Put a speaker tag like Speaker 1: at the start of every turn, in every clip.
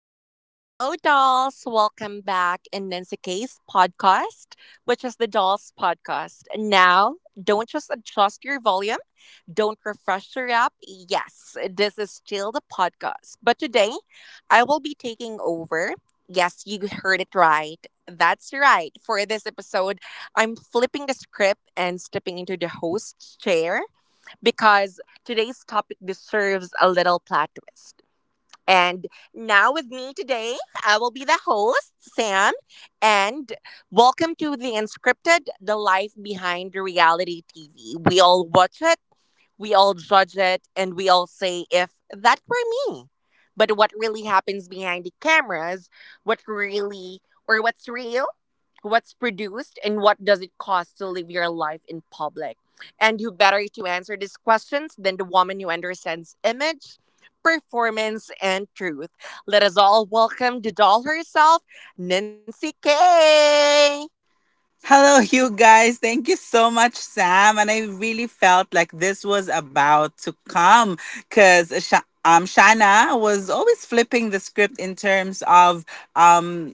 Speaker 1: Hello, hello, dolls. Welcome back in Nancy K's podcast, which is the Dolls Podcast. Now, don't just adjust your volume, don't refresh your app. Yes, this is still the podcast. But today, I will be taking over. Yes, you heard it right. That's right. For this episode, I'm flipping the script and stepping into the host's chair because today's topic deserves a little plot twist. And now with me today, I will be the host, Sam, and welcome to the Unscripted, the life behind reality TV. We all watch it, we all judge it, and we all say, if that were me. But what really happens behind the cameras, what really or what's real, what's produced, and what does it cost to live your life in public? And who better to answer these questions than the woman who understands image, performance, and truth? Let us all welcome the doll herself, Nancy K.
Speaker 2: Hello, you guys. Thank you so much, Sam. And I really felt like this was about to come because Shana was always flipping the script in terms of um,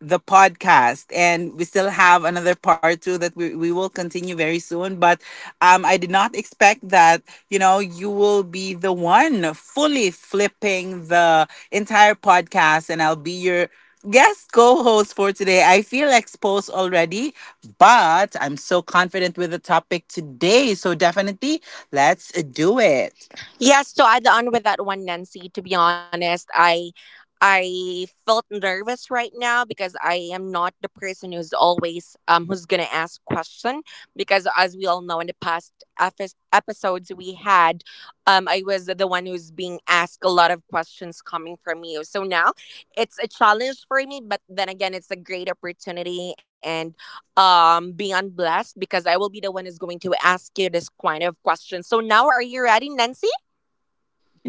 Speaker 2: the podcast, and we still have another part two that we will continue very soon. But I did not expect that, you know, you will be the one fully flipping the entire podcast, and I'll be your guest co-host for today. I feel exposed already, but I'm so confident with the topic today, so definitely, let's do it.
Speaker 1: Yes, so I'd on with that one, Nancy, to be honest, I felt nervous right now because I am not the person who's always who's gonna ask question, because as we all know in the past episodes we had, I was the one who's being asked a lot of questions coming from you. So now it's a challenge for me, but then again it's a great opportunity, and beyond blessed because I will be the one who's going to ask you this kind of question. So now, are you ready, Nancy?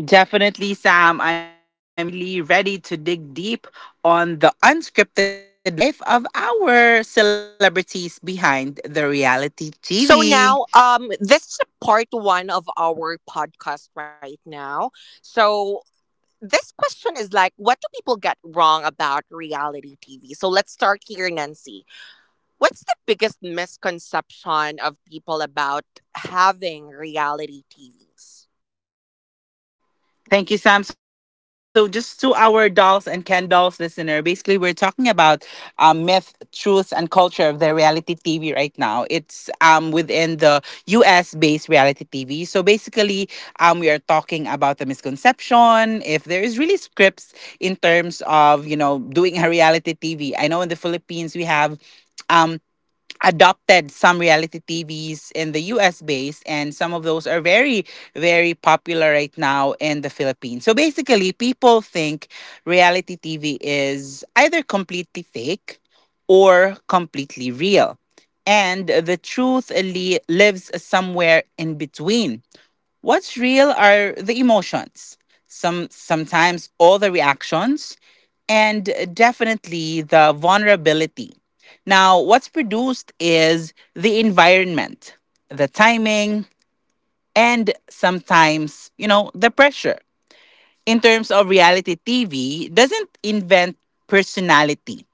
Speaker 2: Definitely, Sam. I'm really ready to dig deep on the unscripted life of our celebrities behind the reality TV.
Speaker 1: So now, this is part one of our podcast right now. So this question is like, what do people get wrong about reality TV? So let's start here, Nancy. What's the biggest misconception of people about having reality TVs?
Speaker 2: Thank you, Sam. So, just to our dolls and Ken dolls listener, basically, we're talking about myth, truth, and culture of the reality TV right now. It's within the US based reality TV. So, basically, we are talking about the misconception, if there is really scripts in terms of, you know, doing a reality TV. I know in the Philippines, we have um adopted some reality TVs in the US based, and some of those are very popular right now in the Philippines. So basically people think reality TV is either completely fake or completely real. And the truth lives somewhere in between. What's real are the emotions, sometimes all the reactions, and definitely the vulnerability. Now, what's produced is the environment, the timing, and sometimes, you know, the pressure. In terms of reality TV, doesn't invent personality.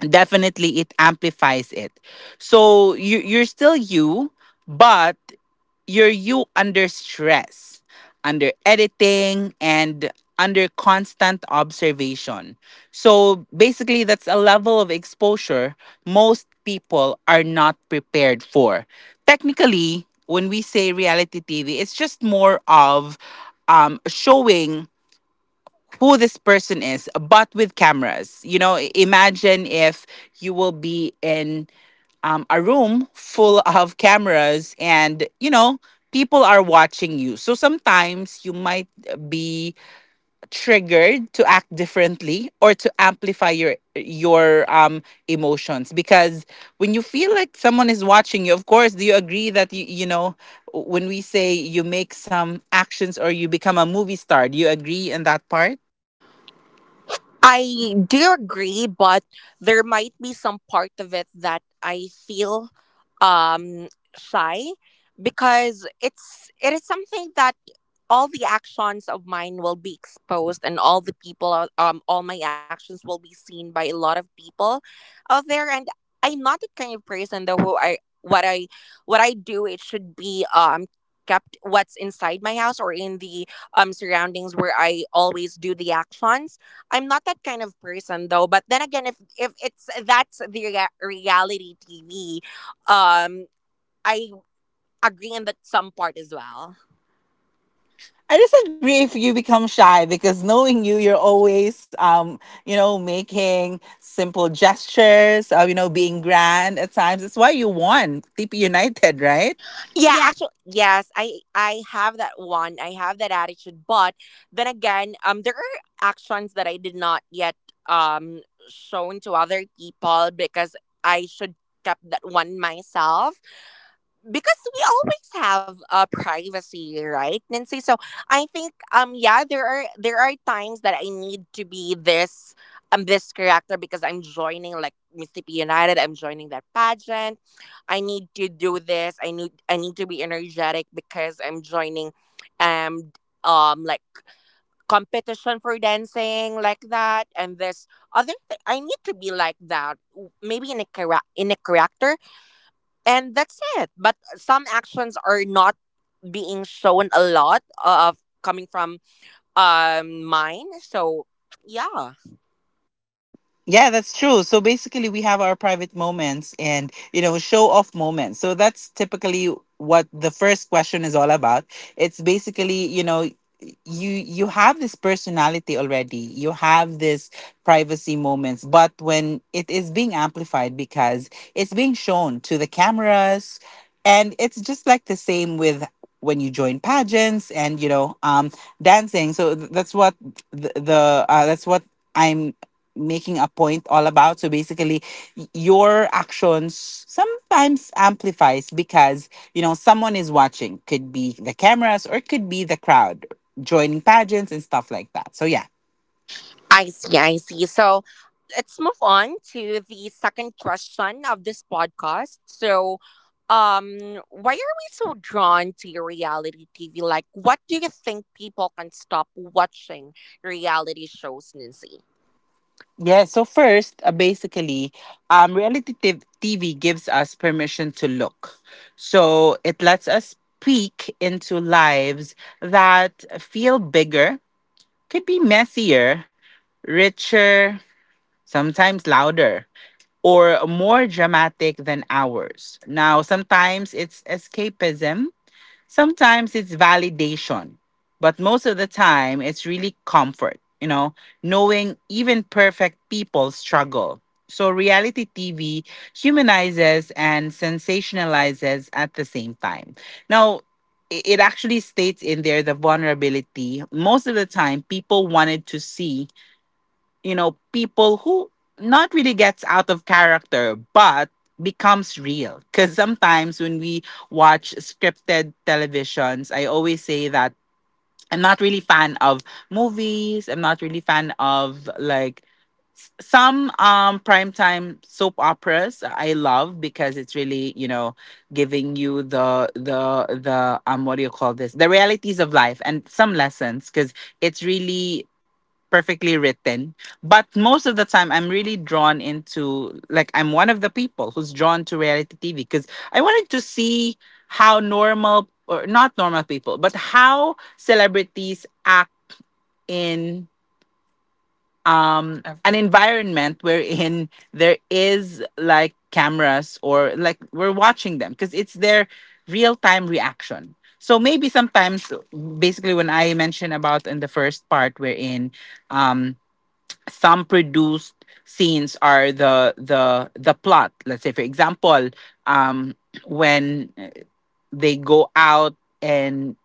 Speaker 2: Definitely it amplifies it. So you're still you, but you under stress, under editing, and under constant observation. So basically, that's a level of exposure most people are not prepared for. Technically, when we say reality TV, it's just more of showing who this person is, but with cameras. You know, imagine if you will be in a room full of cameras, and you know people are watching you. So sometimes you might be triggered to act differently or to amplify your emotions, because when you feel like someone is watching you, of course, do you agree that you know, when we say you make some actions or you become a movie star, do you agree in that part?
Speaker 1: I do agree, but there might be some part of it that I feel um shy because it is something that all the actions of mine will be exposed, and all the people are- all my actions will be seen by a lot of people out there. And I'm not the kind of person though who I what I do. It should be kept what's inside my house or in the surroundings where I always do the actions. I'm not that kind of person though. But then again, if it's, that's the reality TV, um, I agree in that some part as well.
Speaker 2: I disagree if you become shy, because knowing you, you're always, you know, making simple gestures, you know, being grand at times. That's why you won TP United, right?
Speaker 1: Yeah,
Speaker 2: Yeah.
Speaker 1: actually, yes, I have that one. I have that attitude. But then again, there are actions that I did not yet um shown to other people because I should kept that one myself. Because we always have privacy, right, Nancy? So I think, yeah, there are times that I need to be this this character because I'm joining like Mississippi United. I'm joining that pageant. I need to do this. I need to be energetic because I'm joining um like competition for dancing, like that. And this other thing, I need to be like that, maybe in a in a character, and that's it. But some actions are not being shown a lot of coming from mine, so yeah.
Speaker 2: Yeah, that's true. So basically, we have our private moments and, you know, show off moments. So that's typically what the first question is all about. It's basically, you know, you have this personality already. You have this privacy moments, but when it is being amplified because it's being shown to the cameras, and it's just like the same with when you join pageants, and you know dancing. So that's what the that's what I'm making a point all about. So basically, your actions sometimes amplifies, because you know someone is watching, could be the cameras or could be the crowd joining pageants and stuff like that. So yeah.
Speaker 1: I see, I see. So let's move on to the second question of this podcast. So why are we so drawn to reality TV, like what do you think people can stop watching reality shows, Nancy?
Speaker 2: Yeah, so first, basically, reality TV gives us permission to look. So it lets us peek into lives that feel bigger, could be messier, richer, sometimes louder, or more dramatic than ours. Now, sometimes it's escapism, sometimes it's validation, but most of the time it's really comfort, you know, knowing even perfect people struggle. So reality TV humanizes and sensationalizes at the same time. Now, it actually states in there the vulnerability. Most of the time, people wanted to see, you know, people who not really gets out of character, but becomes real. Because sometimes when we watch scripted televisions, I always say that I'm not really fan of movies. I'm not really fan of like some primetime soap operas I love, because it's really, you know, giving you the what do you call this? The realities of life and some lessons, because it's really perfectly written. But most of the time, I'm really drawn into, like, I'm one of the people who's drawn to reality TV, because I wanted to see how normal or not normal people, but how celebrities act in an environment wherein there is like cameras, or like we're watching them, because it's their real time reaction. So maybe sometimes, basically, when I mentioned about in the first part wherein um some produced scenes are the plot. Let's say, for example, um when they go out and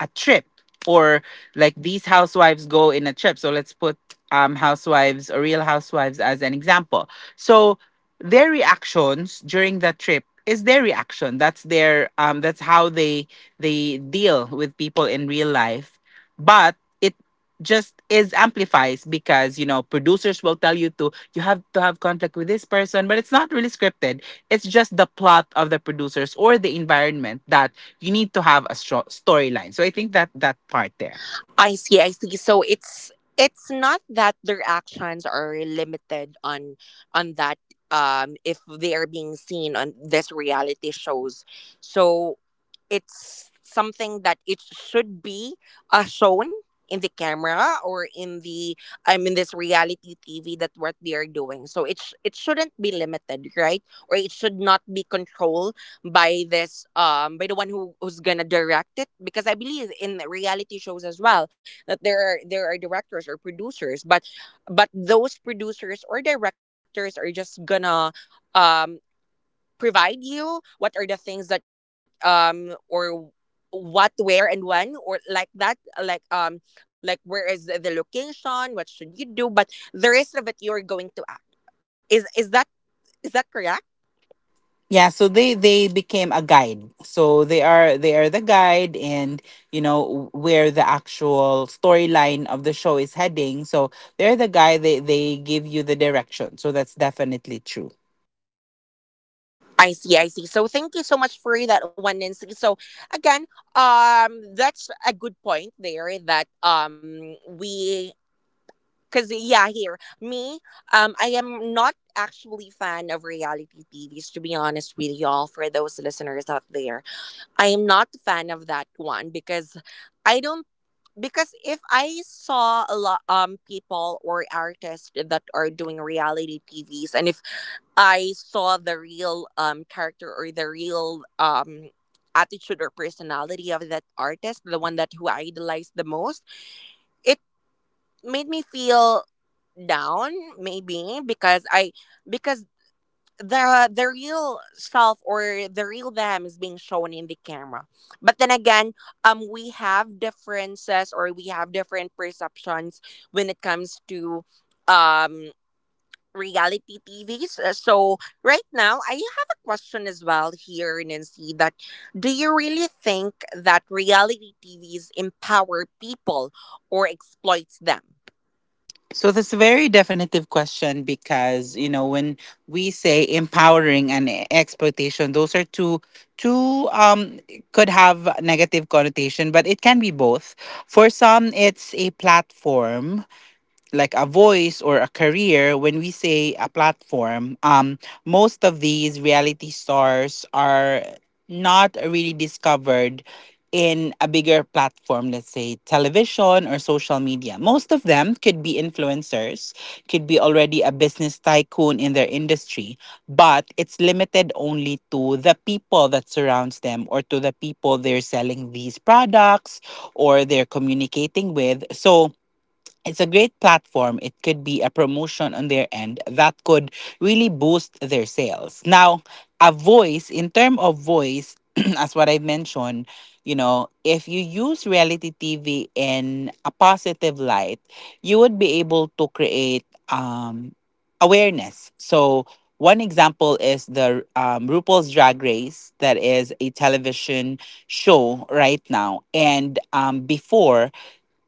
Speaker 2: a trip, or like these housewives go in a trip. So let's put housewives or real housewives as an example. So their reactions during that trip is their reaction. That's their that's how they deal with people in real life. But it just is amplifies, because you know producers will tell you to, you have to have conflict with this person, but it's not really scripted. It's just the plot of the producers or the environment that you need to have a strong storyline. So I think that, that part there.
Speaker 1: I see, I see. So it's not that their actions are limited on that, if they are being seen on this reality shows. So it's something that it should be, shown in the camera or in the, I mean, this reality TV, that what they are doing. So it it shouldn't be limited, right? Or it should not be controlled by this, by the one who who's gonna direct it, because I believe in reality shows as well that there are, directors or producers, but those producers or directors are just gonna um provide you what are the things that, or what, where, and when, or like that, like um like where is the location, what should you do, but the rest of it you're going to act. Is that, is that correct?
Speaker 2: Yeah, so they became a guide. So they are the guide, and you know where the actual storyline of the show is heading. So they're the guy, they give you the direction. So that's definitely true.
Speaker 1: I see, I see. So thank you so much for that one, Nancy. So again, that's a good point there that we. Cause yeah, here me, I am not actually fan of reality TVs. To be honest with y'all, for those listeners out there, I am not a fan of that one because I don't. Because if I saw a lot people or artists that are doing reality TVs, and if I saw the real character or the real attitude or personality of that artist, the one that who I idolized the most, it made me feel down, maybe because I because the real self or the real them is being shown in the camera. But then again, we have differences, or we have different perceptions when it comes to um reality TVs. So right now I have a question as well here, Nancy, that do you really think that reality TVs empower people or exploits them?
Speaker 2: So that's a very definitive question, because you know when we say empowering and exploitation, those are two could have negative connotation, but it can be both. For some, it's a platform, like a voice or a career. When we say a platform, most of these reality stars are not really discovered in a bigger platform. Let's say television or social media, most of them could be influencers, could be already a business tycoon in their industry, but it's limited only to the people that surrounds them, or to the people they're selling these products or they're communicating with. So it's a great platform. It could be a promotion on their end that could really boost their sales. Now, a voice, in term of voice, as what I mentioned, you know, if you use reality TV in a positive light, you would be able to create awareness. So, one example is the RuPaul's Drag Race, that is a television show right now. And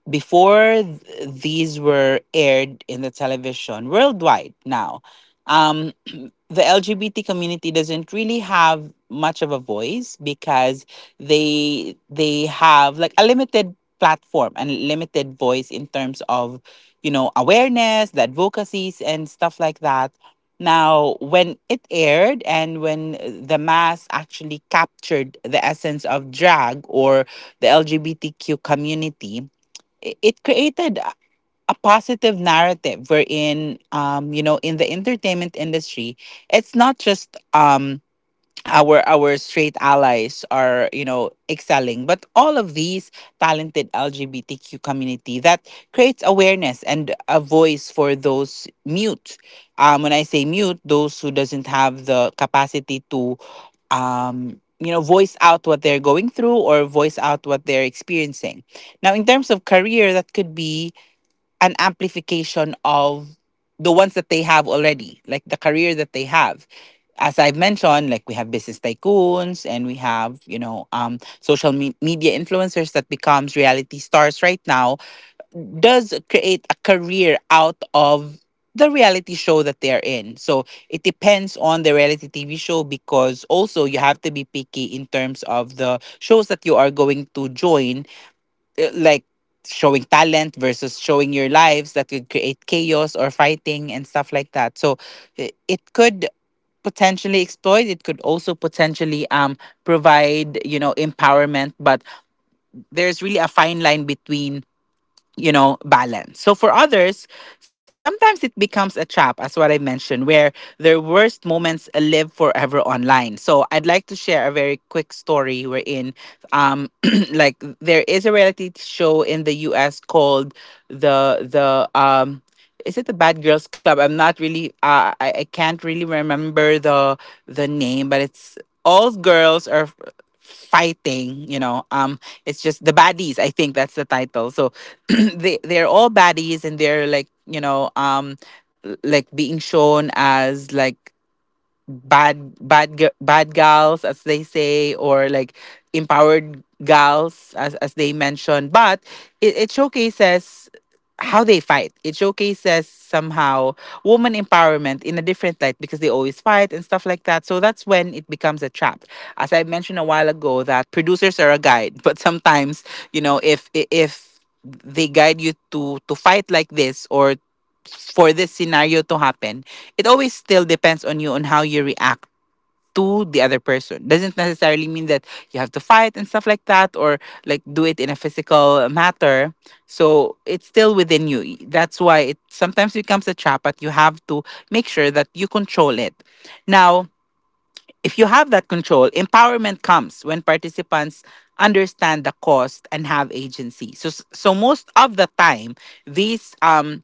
Speaker 2: before th- these were aired in the television worldwide. Now, um the LGBT community doesn't really have much of a voice, because they have like a limited platform and limited voice in terms of, you know, awareness, the advocacies and stuff like that. Now when it aired, and when the mass actually captured the essence of drag or the LGBTQ community, it created a positive narrative wherein, you know, in the entertainment industry, it's not just our straight allies are, you know, excelling, but all of these talented LGBTQ community that creates awareness and a voice for those mute. When I say mute, those who doesn't have the capacity to, you know, voice out what they're going through, or voice out what they're experiencing. Now, in terms of career, that could be an amplification of the ones that they have already, like the career that they have. As I've mentioned, like we have business tycoons, and we have, you know, social media influencers that becomes reality stars right now, does create a career out of the reality show that they're in. So it depends on the reality TV show, because also you have to be picky in terms of the shows that you are going to join, like showing talent versus showing your lives that could create chaos or fighting and stuff like that. So it could potentially exploit, it could also potentially provide, you know, empowerment, but there's really a fine line between, you know, balance. So for others, sometimes it becomes a trap, as what I mentioned, where their worst moments live forever online. So I'd like to share a very quick story wherein, um, like there is a reality show in the U.S. called the the. Is it the Bad Girls Club? I'm not really. I can't really remember the name, but it's all girls are fighting. It's just the baddies, I think that's the title. So they're all baddies and they're like, like being shown as like bad gals, as they say, or like empowered gals, as they mentioned. But it showcases how they fight, it showcases somehow woman empowerment in a different light because they always fight and stuff like that. So that's when it becomes a trap, as I mentioned a while ago, that producers are a guide but sometimes, you know, if they guide you to fight like this or for this scenario to happen, it always still depends on you, on how you react to the other person. Doesn't necessarily mean that you have to fight and stuff like that, or like do it in a physical matter. So it's still within you, that's why it sometimes becomes a trap, but you have to make sure that you control it. Now, if you have that control, empowerment comes when participants understand the cost and have agency. So most of the time, these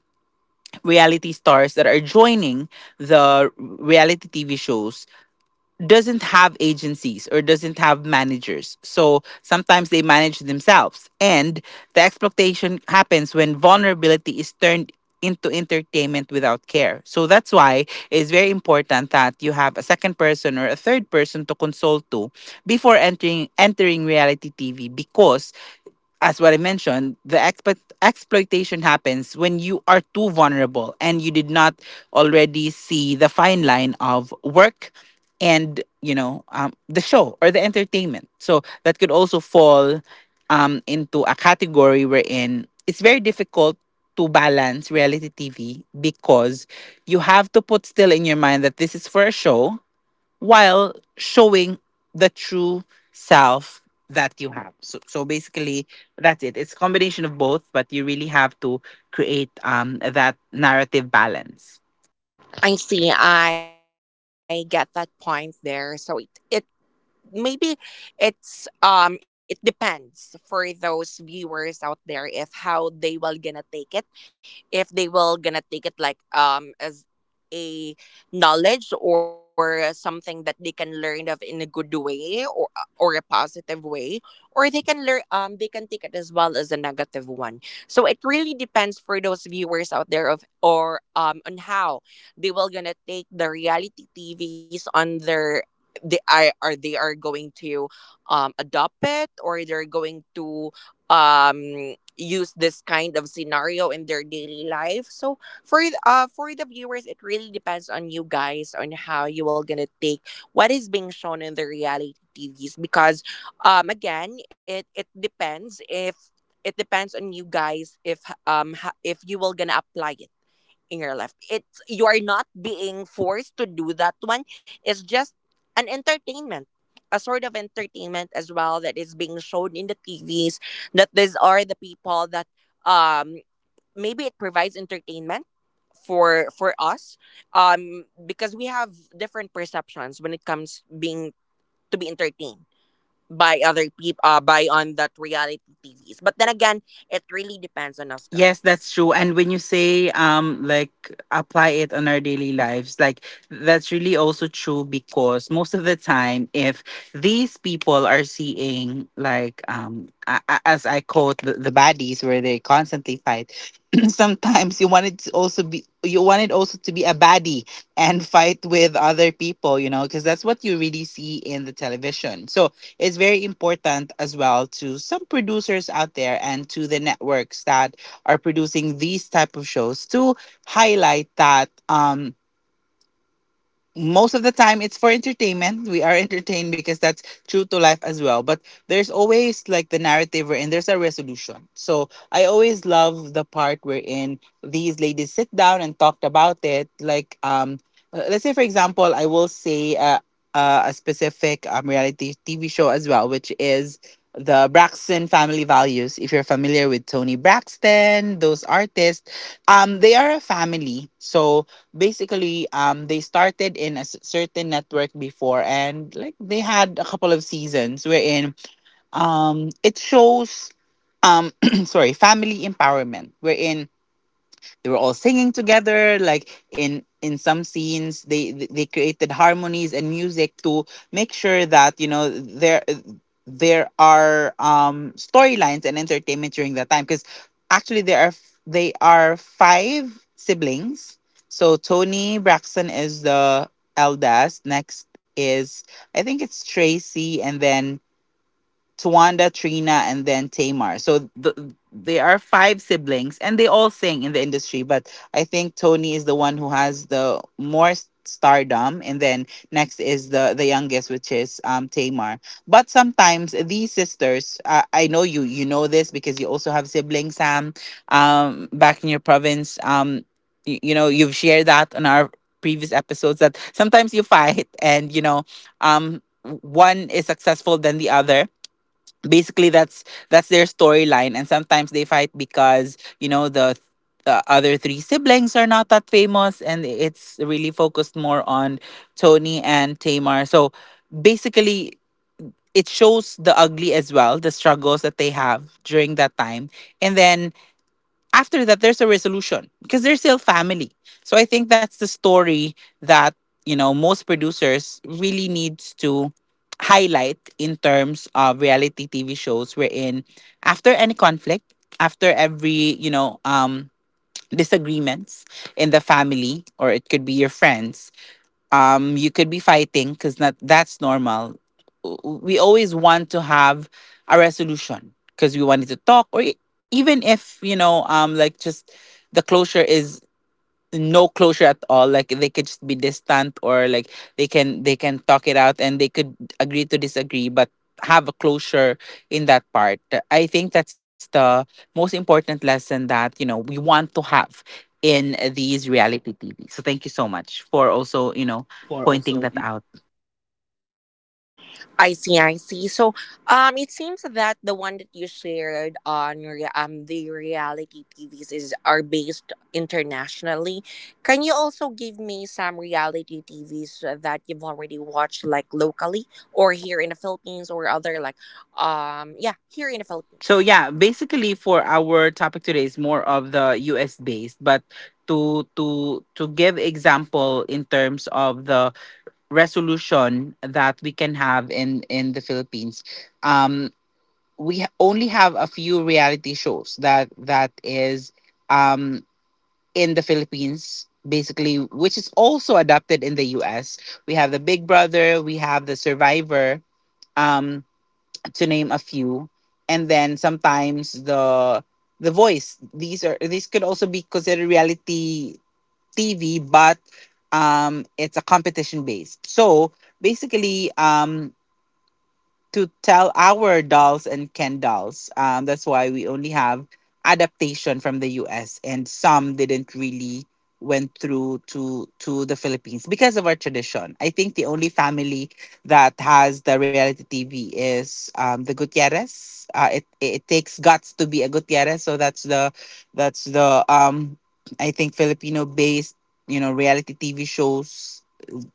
Speaker 2: reality stars that are joining the reality TV shows doesn't have agencies or doesn't have managers. So sometimes they manage themselves. And the exploitation happens when vulnerability is turned into entertainment without care. So that's why it's very important that you have a second person or a third person to consult to before entering reality TV. Because as what I mentioned, the exploitation happens when you are too vulnerable and you did not already see the fine line of work and, the show or the entertainment. So that could also fall into a category wherein it's very difficult to balance reality TV, because you have to put still in your mind that this is for a show while showing the true self that you have. So basically, that's it. It's a combination of both, but you really have to create that narrative balance.
Speaker 1: I see. I get that point there. So it, maybe it's it depends for those viewers out there if how they will gonna take it, if they will gonna take it like, as a knowledge or something that they can learn of in a good way, or a positive way, or they can learn, they can take it as well as a negative one. So it really depends for those viewers out there, of, or on how they will gonna take the reality TVs on their, they are they are going to adopt it, or they're going to use this kind of scenario in their daily life. So for, for the viewers, it really depends on you guys on how you are gonna take what is being shown in the reality TVs, because again, it depends if, it depends on you guys if, if you will gonna apply it in your life. It's, you are not being forced to do that one. It's just an entertainment, a sort of entertainment as well that is being shown in the TVs. That these are the people that um maybe it provides entertainment for us, because we have different perceptions when it comes being to be entertained by other people, by on that reality TVs. But then again, it really depends on us
Speaker 2: Yes,
Speaker 1: guys.
Speaker 2: that's true. And when you say, like, apply it on our daily lives, like, that's really also true, because most of the time if these people are seeing like, as I quote, the baddies, where they constantly fight, sometimes you want it to also be, you want it also to be a baddie and fight with other people, you know, because that's what you really see in the television. So it's very important as well to some producers out there and to the networks that are producing these type of shows to highlight that. Most of the time it's for entertainment, we are entertained because that's true to life as well. But there's always like the narrative wherein there's a resolution. So I always love the part wherein these ladies sit down and talked about it. Like, let's say, for example, I will say, a specific, reality TV show as well, which is the Braxton Family Values. If you're familiar with Tony Braxton, those artists, they are a family. So basically, they started in a certain network before, and like they had a couple of seasons wherein it shows, um sorry, family empowerment, wherein they were all singing together, like in some scenes they they created harmonies and music to make sure that, you know, there are storylines and entertainment during that time. Because actually there are f- they are five siblings. So Tony Braxton is the eldest, next is, I think it's Tracy, and then Tawanda, Trina, and then Tamar. So they are five siblings, and they all sing in the industry. But I think Tony is the one who has the more stardom, and then next is the youngest, which is Tamar. But sometimes these sisters, I know you know this because you also have siblings, Sam, back in your province. You know you've shared that on our previous episodes that sometimes you fight, and you know, um, one is successful than the other. Basically that's their storyline, and sometimes they fight because, you know, the other three siblings are not that famous and it's really focused more on Tony and Tamar. So basically it shows the ugly as well, the struggles that they have during that time, and then after that there's a resolution because they're still family. So I think that's the story that, you know, most producers really needs to highlight in terms of reality TV shows, wherein after any conflict, after every, disagreements in the family, or it could be your friends, you could be fighting because, not, that's normal. We always want to have a resolution because we wanted to talk, or even if, like, just the closure is no closure at all, like they could just be distant, or like they can talk it out and they could agree to disagree, but have a closure in that part. I think that's the most important lesson that, you know, we want to have in these reality TV. So thank you so much for also, you know,
Speaker 1: For
Speaker 2: pointing
Speaker 1: also,
Speaker 2: that
Speaker 1: you know.
Speaker 2: out.
Speaker 1: I see, I see. So, it seems that the one that you shared on your, the reality TVs is, are based internationally. Can you also give me some reality TVs that you've already watched, like locally or here in the Philippines, or other, like, yeah, here in the
Speaker 2: So
Speaker 1: Philippines.
Speaker 2: yeah, basically for our topic today is more of the US based, but to give example in terms of the resolution that we can have in the Philippines. Um, only have a few reality shows that is, um, in the Philippines, basically, which is also adapted in the U.S. We have the Big Brother, we have the Survivor. Um, to name a few. And then sometimes the Voice, these are, these could also be considered reality TV, but it's a competition based. So basically, to tell our dolls and Ken dolls, that's why we only have adaptation from the US, and some didn't really went through to the Philippines because of our tradition. I think the only family that has the reality TV is, the Gutierrez. It it takes guts to be a Gutierrez, so that's the that's the um I think Filipino based, you know, reality TV shows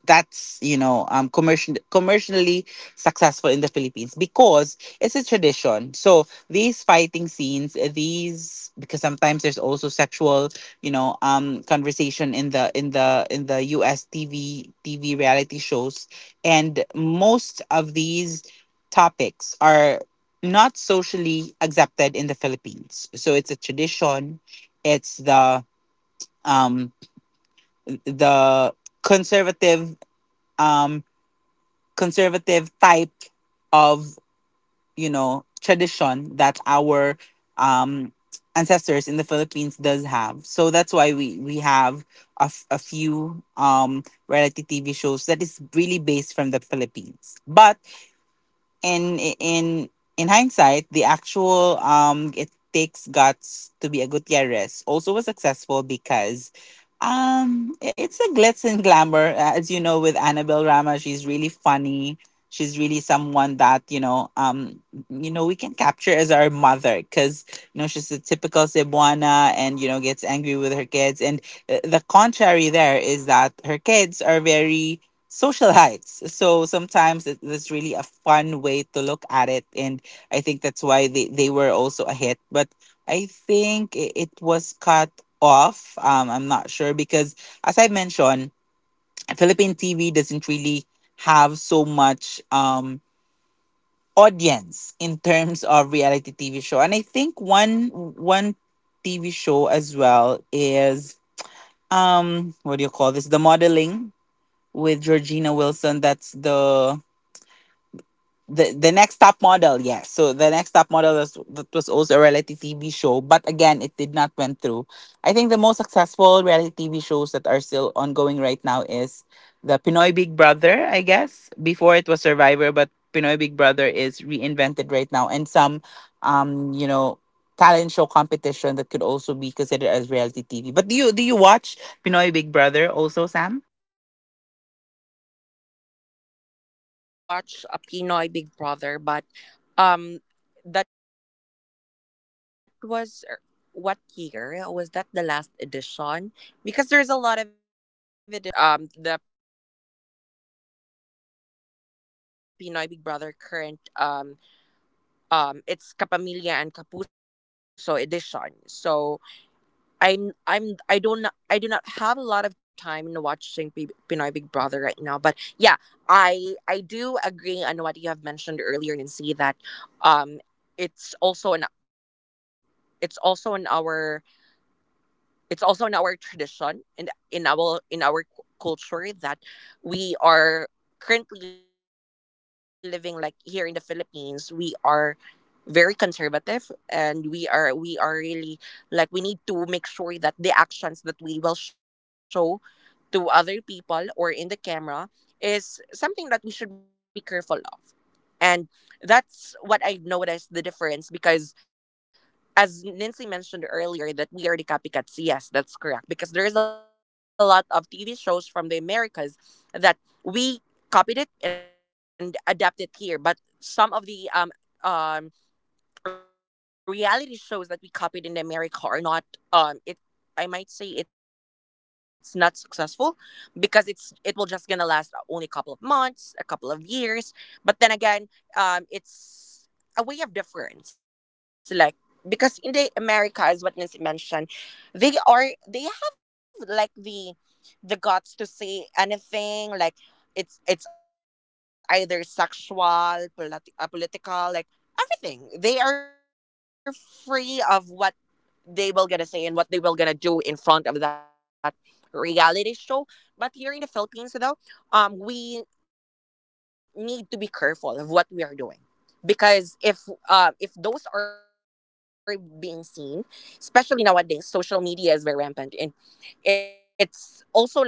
Speaker 2: that's you know, commercially successful in the Philippines because it's a tradition. So these fighting scenes, these, because sometimes there's also sexual, you know, conversation in the, US TV reality shows. And most of these topics are not socially accepted in the Philippines. So it's a tradition. It's the, um the conservative, um conservative type of, you know, tradition that our, um ancestors in the Philippines does have. So that's why we have a, a few, reality TV shows that is really based from the Philippines. But in in in hindsight, the actual, it takes guts to be a Gutierrez, also was successful because, it's a glitz and glamour. As you know, with Annabelle Rama. She's really funny. She's really someone that, you know, we can capture as our mother, because you know, she's a typical Cebuana, and you know, gets angry with her kids. And the contrary there is that her kids are very socialites. So sometimes it's really a fun way to look at it. And I think that's why they were also a hit. But I think it was cut off. I'm not sure because, as I mentioned, Philippine TV doesn't really have so much audience in terms of reality TV show. And I think one TV show as well is, what do you call this? The modeling with Georgina Wilson. That's the Next Top Model. Yes, so the Next Top Model was, that was also a reality TV show, but again, it did not went through. I think the most successful reality TV shows that are still ongoing right now is the Pinoy Big Brother, I guess. Before, it was Survivor. But Pinoy Big Brother is reinvented right now, and some, you know, talent show competition that could also be considered as reality TV. But do you watch Pinoy Big Brother also, Sam?
Speaker 1: Yes, I did watch a Pinoy Big Brother, but um, that was, what year was that, the last edition? Because there's a lot of editions right now in Pinoy Big Brother. Like right now, the current, the Pinoy Big Brother current, it's Kapamilya and Kapuso edition. So I'm I don't, I do not have a lot of time in watching Pinoy Big Brother right now, but yeah, I do agree on what you have mentioned earlier, Nancy, that um it's also an, it's also in our it's also in our tradition in our, culture that we are currently living, like here in the Philippines we are very conservative, and we are really, like, we need to make sure that the actions that we will show to other people or in the camera is something that we should be careful of. And that's what I noticed the difference, because as Nancy mentioned earlier, that we are the copycats. Yes, that's correct. Because there is a lot of TV shows from the Americas that we copied it and adapted here. But some of the um reality shows that we copied in America are not, um I might say it's not successful, because it will just gonna last only a couple of months, a couple of years. But then again, it's a way of difference. Like, because in the Americas, what Nancy mentioned, they are, they have like the guts to say anything. Like, it's either sexual, political, like, everything. They are free of what they will gonna say and what they will gonna do in front of that reality show. But here in the Philippines though, we need to be careful of what we are doing. Because if those are being seen, especially nowadays, social media is very rampant, and it's also like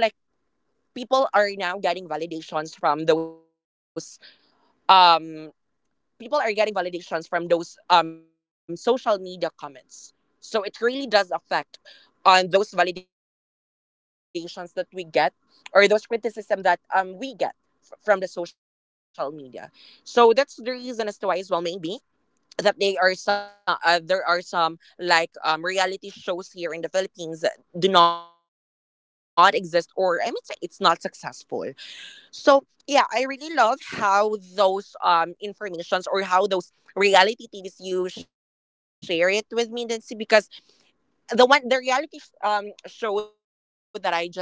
Speaker 1: people are now getting validations from those um people are getting validations from those social media comments. So it really does affect on those validations that we get, or those criticism that we get from the social media. So that's the reason as to why as well maybe that they are some there are some like reality shows here in the Philippines that do not exist, or I mean say it's not successful. So yeah, I really love how those informations or how those reality TVs you share it with me, Nancy, because the reality show that I just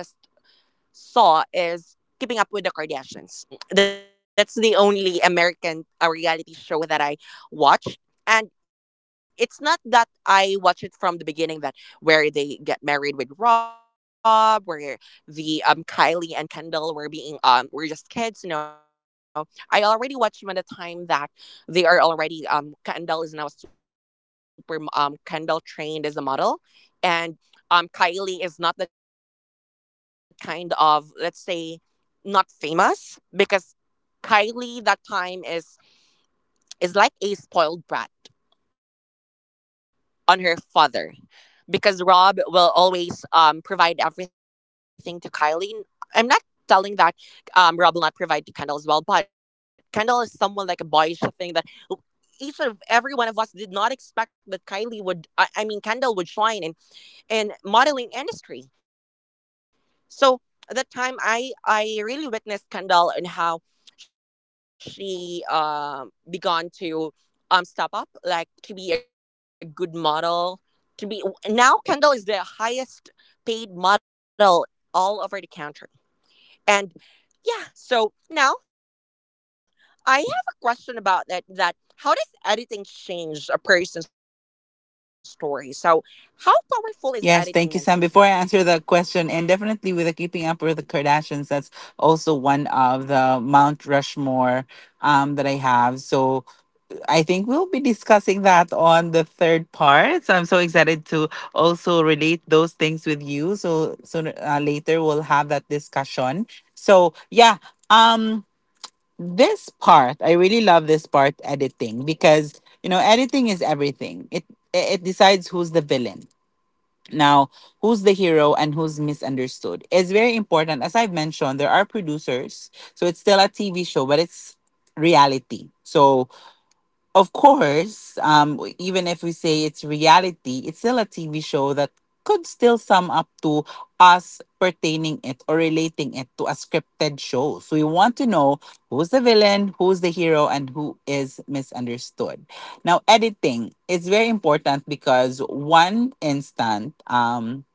Speaker 1: saw is Keeping Up with the Kardashians. That's the only American reality show that I watched. And it's not that I watch it from the beginning, that where they get married with Rob, where the Kylie and Kendall were being were just kids, you know. I already watched them at the time that they are already Kendall is now a super Kendall trained as a model, and Kylie is not the kind of, let's say, not famous because Kylie that time is like a spoiled brat on her father because Rob will always provide everything to Kylie. I'm not telling that Rob will not provide to Kendall as well, but Kendall is someone like a boyish thing that each of every one of us did not expect that Kylie would I mean Kendall would join in modeling industry. So at that time, I really witnessed Kendall and how she began to step up, like, to be a good model. To be now, Kendall is the highest paid model all over the country. And yeah, so now I have a question about that. That how does editing change a person's story? So how powerful is editing, Nancy?
Speaker 2: Yes, thank you, Sam. Before I answer the question, and definitely with the Keeping Up with the Kardashians, that's also one of the Mount Rushmore, that I have. So I think we'll be discussing that on the third part. So I'm so excited to also relate those things with you. So sooner, later we'll have that discussion. So yeah, um, this part, I really love this part, editing, because you know, editing is everything. It decides who's the villain now, who's the hero, and who's misunderstood. It's very important. As I've mentioned, there are producers. So it's still a TV show, but it's reality. So of course, even if we say it's reality, it's still a TV show that could still sum up to us pertaining it, or relating it to a scripted show. So we want to know who's the villain, who's the hero, and who is misunderstood. Now, editing is very important because one instant,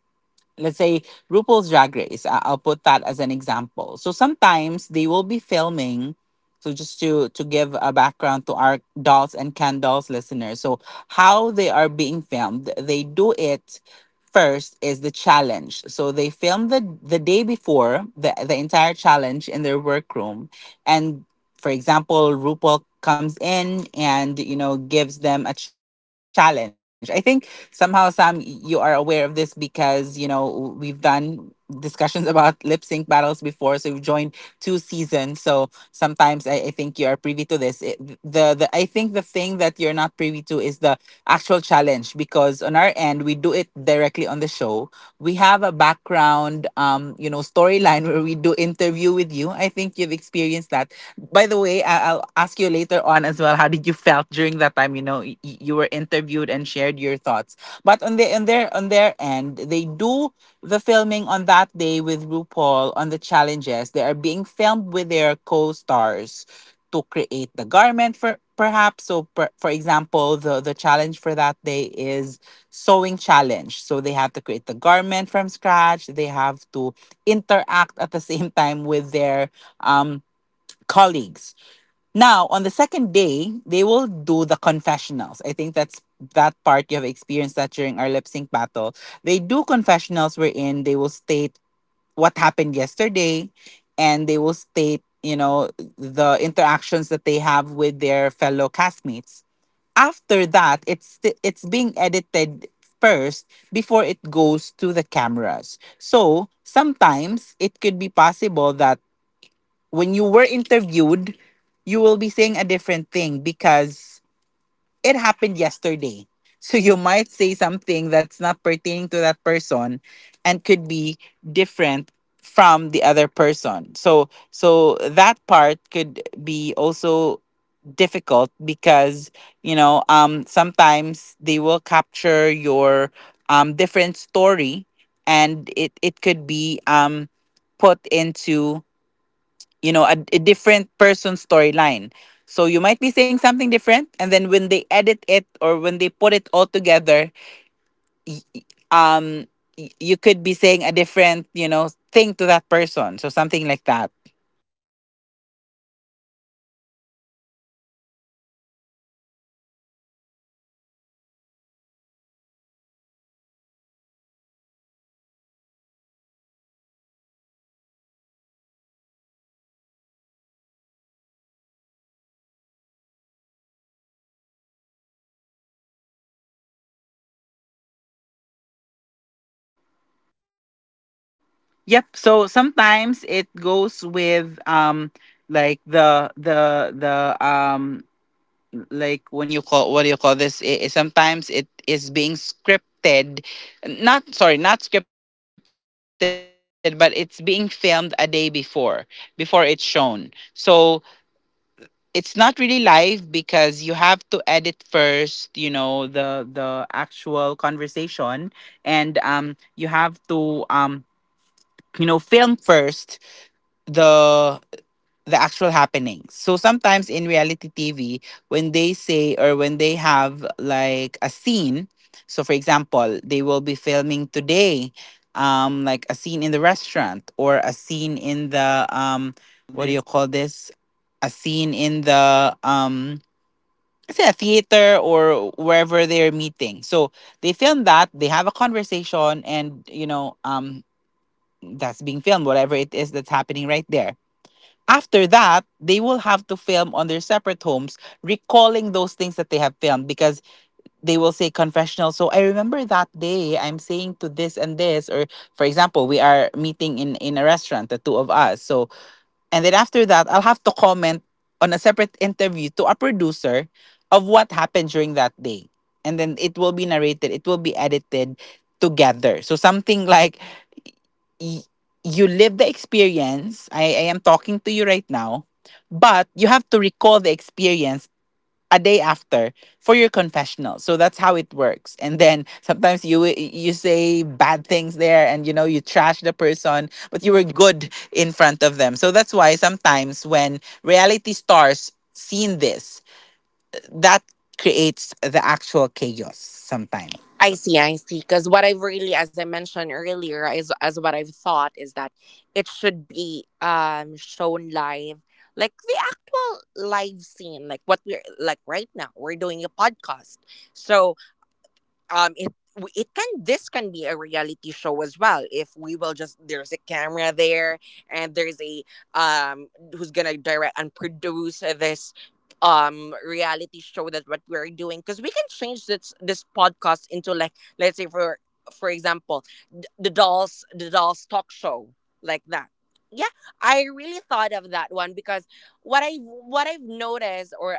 Speaker 2: let's say RuPaul's Drag Race. I'll put that as an example. So sometimes they will be filming. So just to give a background to our dolls and can dolls listeners. So how they are being filmed, they do it first is the challenge. So they film the day before the entire challenge in their workroom, and for example, RuPaul comes in and you know gives them a challenge. I think somehow Sam, you are aware of this because you know we've done discussions about lip sync battles before, so you've joined two seasons. So sometimes I think you are privy to this it, the I think the thing that you're not privy to is the actual challenge because on our end we do it directly on the show. We have a background you know storyline where we do interview with you. I think you've experienced that. By the way, I'll ask you later on as well. How did you felt during that time? You know, you were interviewed and shared your thoughts. But on their on their end, they do the filming on that day with RuPaul on the challenges. They are being filmed with their co-stars to create the garment for perhaps. So, for example, the challenge for that day is sewing challenge. So they have to create the garment from scratch. They have to interact at the same time with their um colleagues. Now, on the second day, they will do the confessionals. I think that part you have experienced that during our lip sync battle. They do confessionals wherein they will state what happened yesterday, and they will state, you know, the interactions that they have with their fellow castmates. After that, it's being edited first before it goes to the cameras. So, sometimes it could be possible that when you were interviewed, you will be saying a different thing because it happened yesterday. So you might say something that's not pertaining to that person and could be different from the other person. So that part could be also difficult because you know sometimes they will capture your different story, and it could be put into you know, a different person's storyline. So you might be saying something different, and then when they edit it or when they put it all together, y- y- um, you could be saying a different, you know, thing to that person. So something like that.
Speaker 1: Oh, I see. Because what I really thought of having this kind of reality TV, and see if you can enlighten me, it's I thought it will be like a live show that will be shown to the viewers out there about the what will be.
Speaker 2: Yep. So sometimes it goes with like the like when you call, what do you call this? Sometimes it is being scripted, not, sorry, not scripted, but it's being filmed a day before before it's shown. So it's not really live because you have to edit first, you know, the actual conversation, and you have to you know film first the the actual happening. So sometimes in reality TV, when they say or when they have like a scene, so for example, they will be filming today, like a scene in the restaurant or a scene in the what do you call this? A scene in the say a theater or wherever they're meeting. So they film that, they have a conversation, and you know, that's being filmed, whatever it is that's happening right there. After that, they will have to film on their separate homes, recalling those things that they have filmed because they will say confessional. So I remember that day, I'm saying to this and this, or for example, we are meeting in a restaurant, the two of us. So and then after that, I'll have to comment on a separate interview to a producer of what happened during that day. And then it will be narrated, it will be edited together. So something like y- you live the experience. I am talking to you right now, but you have to recall the experience a day after for your confessional. So that's how it works. And then sometimes you say bad things there and you know you trash the person, but you were good in front of them. So that's why sometimes when reality stars seen this, that creates the actual chaos sometimes.
Speaker 1: I see, I see. Because what I've really, as I mentioned earlier, is as what I've thought is that it should be shown live, like the actual live scene, like what we're like right now. We're doing a podcast, so it w- it can this can be a reality show as well if we will just there's a camera there, and there's a um who's gonna direct and produce this reality show that what we're doing, because we can change this podcast into, like, let's say for example, the dolls, the dolls talk show, like that. Yeah, I really thought of that one because what I what I've noticed, or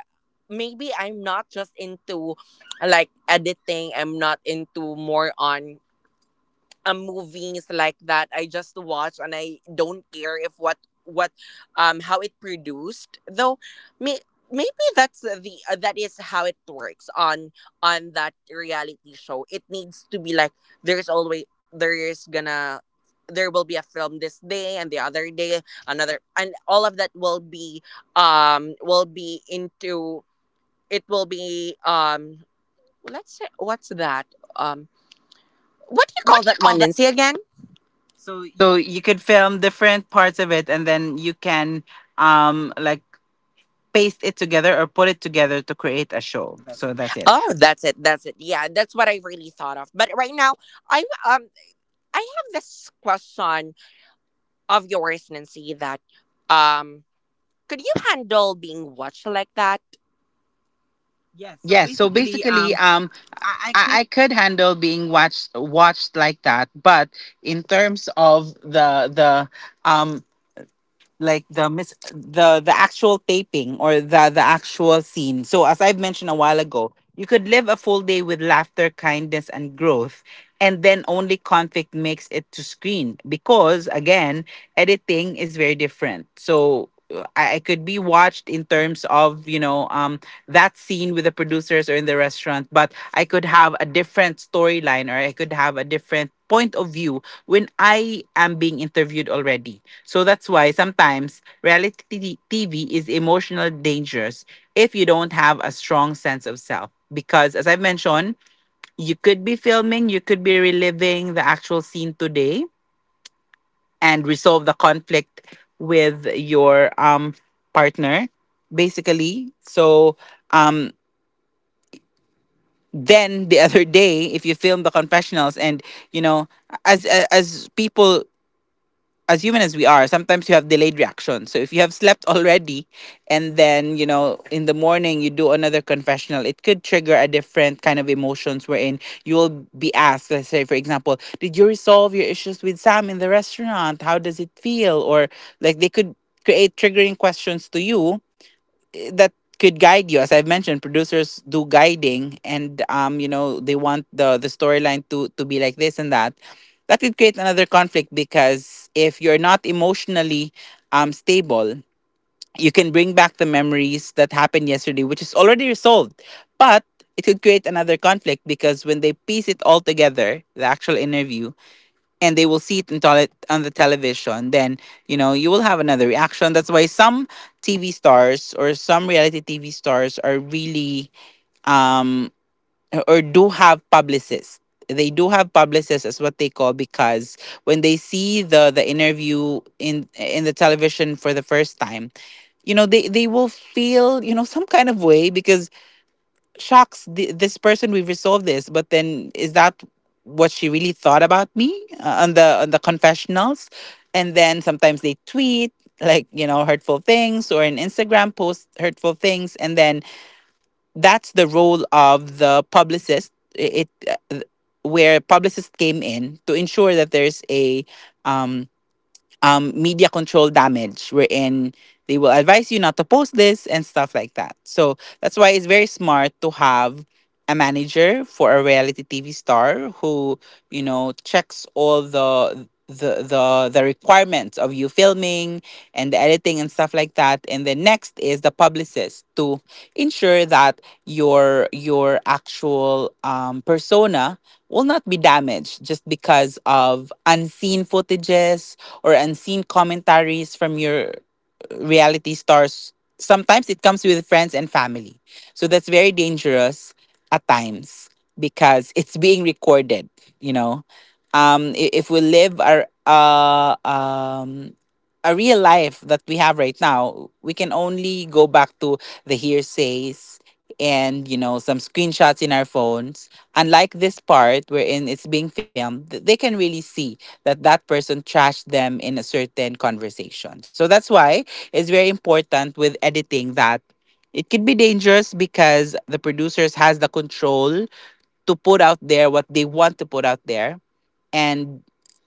Speaker 1: maybe I'm not just into, like, editing, I'm not into more on movies like that. I just watch and I don't care if what what how it produced though. may, Maybe that's the that is how it works on that reality show. It needs to be like there's always there will be a film this day, and the other day another, and all of that will be into it will be let's say what's that um what do you
Speaker 2: What
Speaker 1: call
Speaker 2: do you
Speaker 1: that
Speaker 2: call
Speaker 1: one,
Speaker 2: that?
Speaker 1: Nancy, again?
Speaker 2: So you could film different parts of it and then you can like paste it together or put it together to create a show. So that's it.
Speaker 1: Oh, that's it. That's it. Yeah, that's what I really thought of. But right now, I am I have this question of yours, Nancy. That um, could you handle being watched like that?
Speaker 2: Yes. So basically, I could handle being watched like that, but in terms of the um like the actual taping or the actual scene. So as I've mentioned a while ago, you could live a full day with laughter, kindness and growth, and then only conflict makes it to screen because again, editing is very different. So I could be watched in terms of you know that scene with the producers or in the restaurant, but I could have a different storyline or I could have a different point of view when I am being interviewed already. So that's why sometimes reality TV is emotional dangerous if you don't have a strong sense of self. Because as I've mentioned, you could be filming, you could be reliving the actual scene today and resolve the conflict with your partner, basically. So um then the other day, if you film the confessionals and you know, as people as human as we are, sometimes you have delayed reactions. So if you have slept already and then, you know, in the morning you do another confessional, it could trigger a different kind of emotions wherein you will be asked, let's say, for example, did you resolve your issues with Sam in the restaurant? How does it feel? Or like they could create triggering questions to you that could guide you. As I've mentioned, producers do guiding, and you know, they want the storyline to be like this and that. That could create another conflict because if you're not emotionally stable, you can bring back the memories that happened yesterday, which is already resolved, but it could create another conflict because when they piece it all together, the actual interview and they will see it on, on the television, then you know you will have another reaction. That's why some TV stars or some reality TV stars are really um or do have publicists. They do have publicists as what they call because when they see the interview in the television for the first time, you know they will feel you know some kind of way because shocks the, this person we've resolved this but then is that what she really thought about me on the confessionals, and then sometimes they tweet like you know hurtful things or an Instagram post hurtful things, and then that's the role of the publicist. I- it Where publicist came in to ensure that there's a um media control damage, wherein they will advise you not to post this and stuff like that. So that's why it's very smart to have a manager for a reality TV star who, you know, checks all the requirements of you filming and the editing and stuff like that, and then next is the publicist to ensure that your actual persona will not be damaged just because of unseen footages or unseen commentaries from your reality stars. Sometimes it comes with friends and family. So that's very dangerous at times because it's being recorded, you know. If we live our a real life that we have right now, we can only go back to the hearsays and you know some screenshots in our phones. Unlike this part wherein it's being filmed, they can really see that that person trashed them in a certain conversation. So that's why it's very important with editing that it could be dangerous because the producers has the control to put out there what they want to put out there, and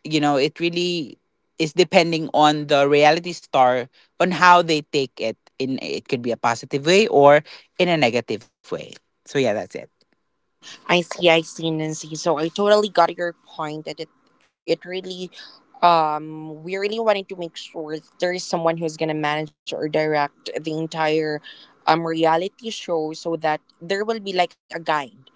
Speaker 2: you know it really is depending on the reality star on how they take it in. It could be a positive way or in a negative way. So yeah, that's it.
Speaker 1: I see. I see, Nancy. So I totally got your point that it really we really wanted to make sure that there is someone who's gonna manage or direct the entire reality show, so that there will be like a guide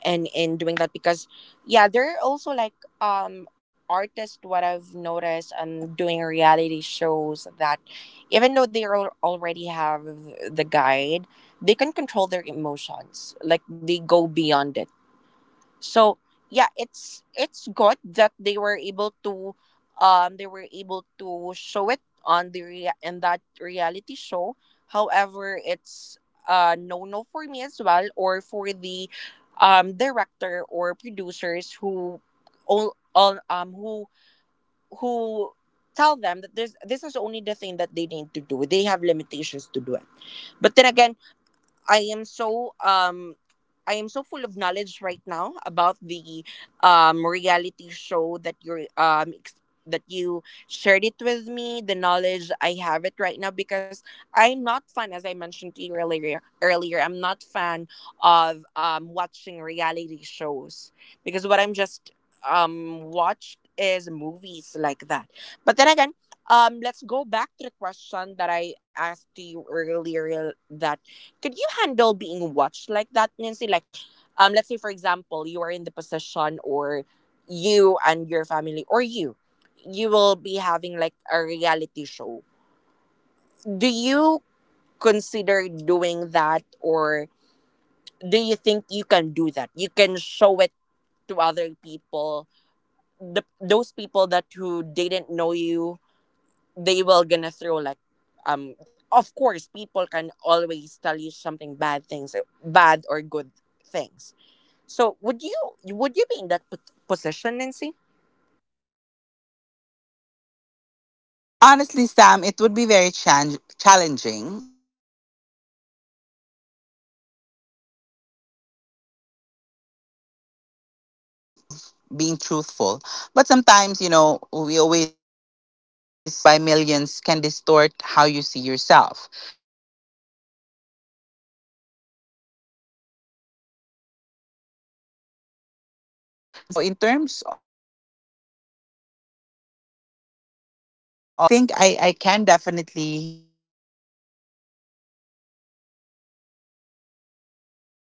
Speaker 1: and in doing that. Because yeah, there are also like um artists, what I've noticed and doing reality shows, that even though they already have the guide, they can control their emotions, like they go beyond it. So yeah, it's good that they were able to they were able to show it on the in that reality show. However, it's no, no, for me as well, or for the director or producers who all who who tell them that this is only the thing that they need to do. They have limitations to do it. But then again, I am so um I am so full of knowledge right now about the reality show that you're that you shared it with me. The knowledge I have it right now because I'm not fan, as I mentioned to you earlier, I'm not fan of watching reality shows because what I'm just watched is movies like that. But then again, let's go back to the question that I asked to you earlier. That could you handle being watched like that, Nancy? Like, let's say for example, you are in the position, or you and your family, or you will be having like a reality show. Do you consider doing that, or do you think you can do that? You can show it to other people, the those people that who didn't know you, they will gonna throw like. Um, of course, people can always tell you something bad things, bad or good things. So would you be in that position, Nancy?
Speaker 2: Honestly, Sam, it would be very challenging. But I'm confident, you know, in terms of being truthful. But sometimes, you know, we always go down to being human. Now, being perceived by millions can distort how you see yourself. You need emotional armor, support systems, and boundaries. Or it will consume you. Now, in terms of me taking it, I think I can definitely do that. I think that that would, you know, strengthen my core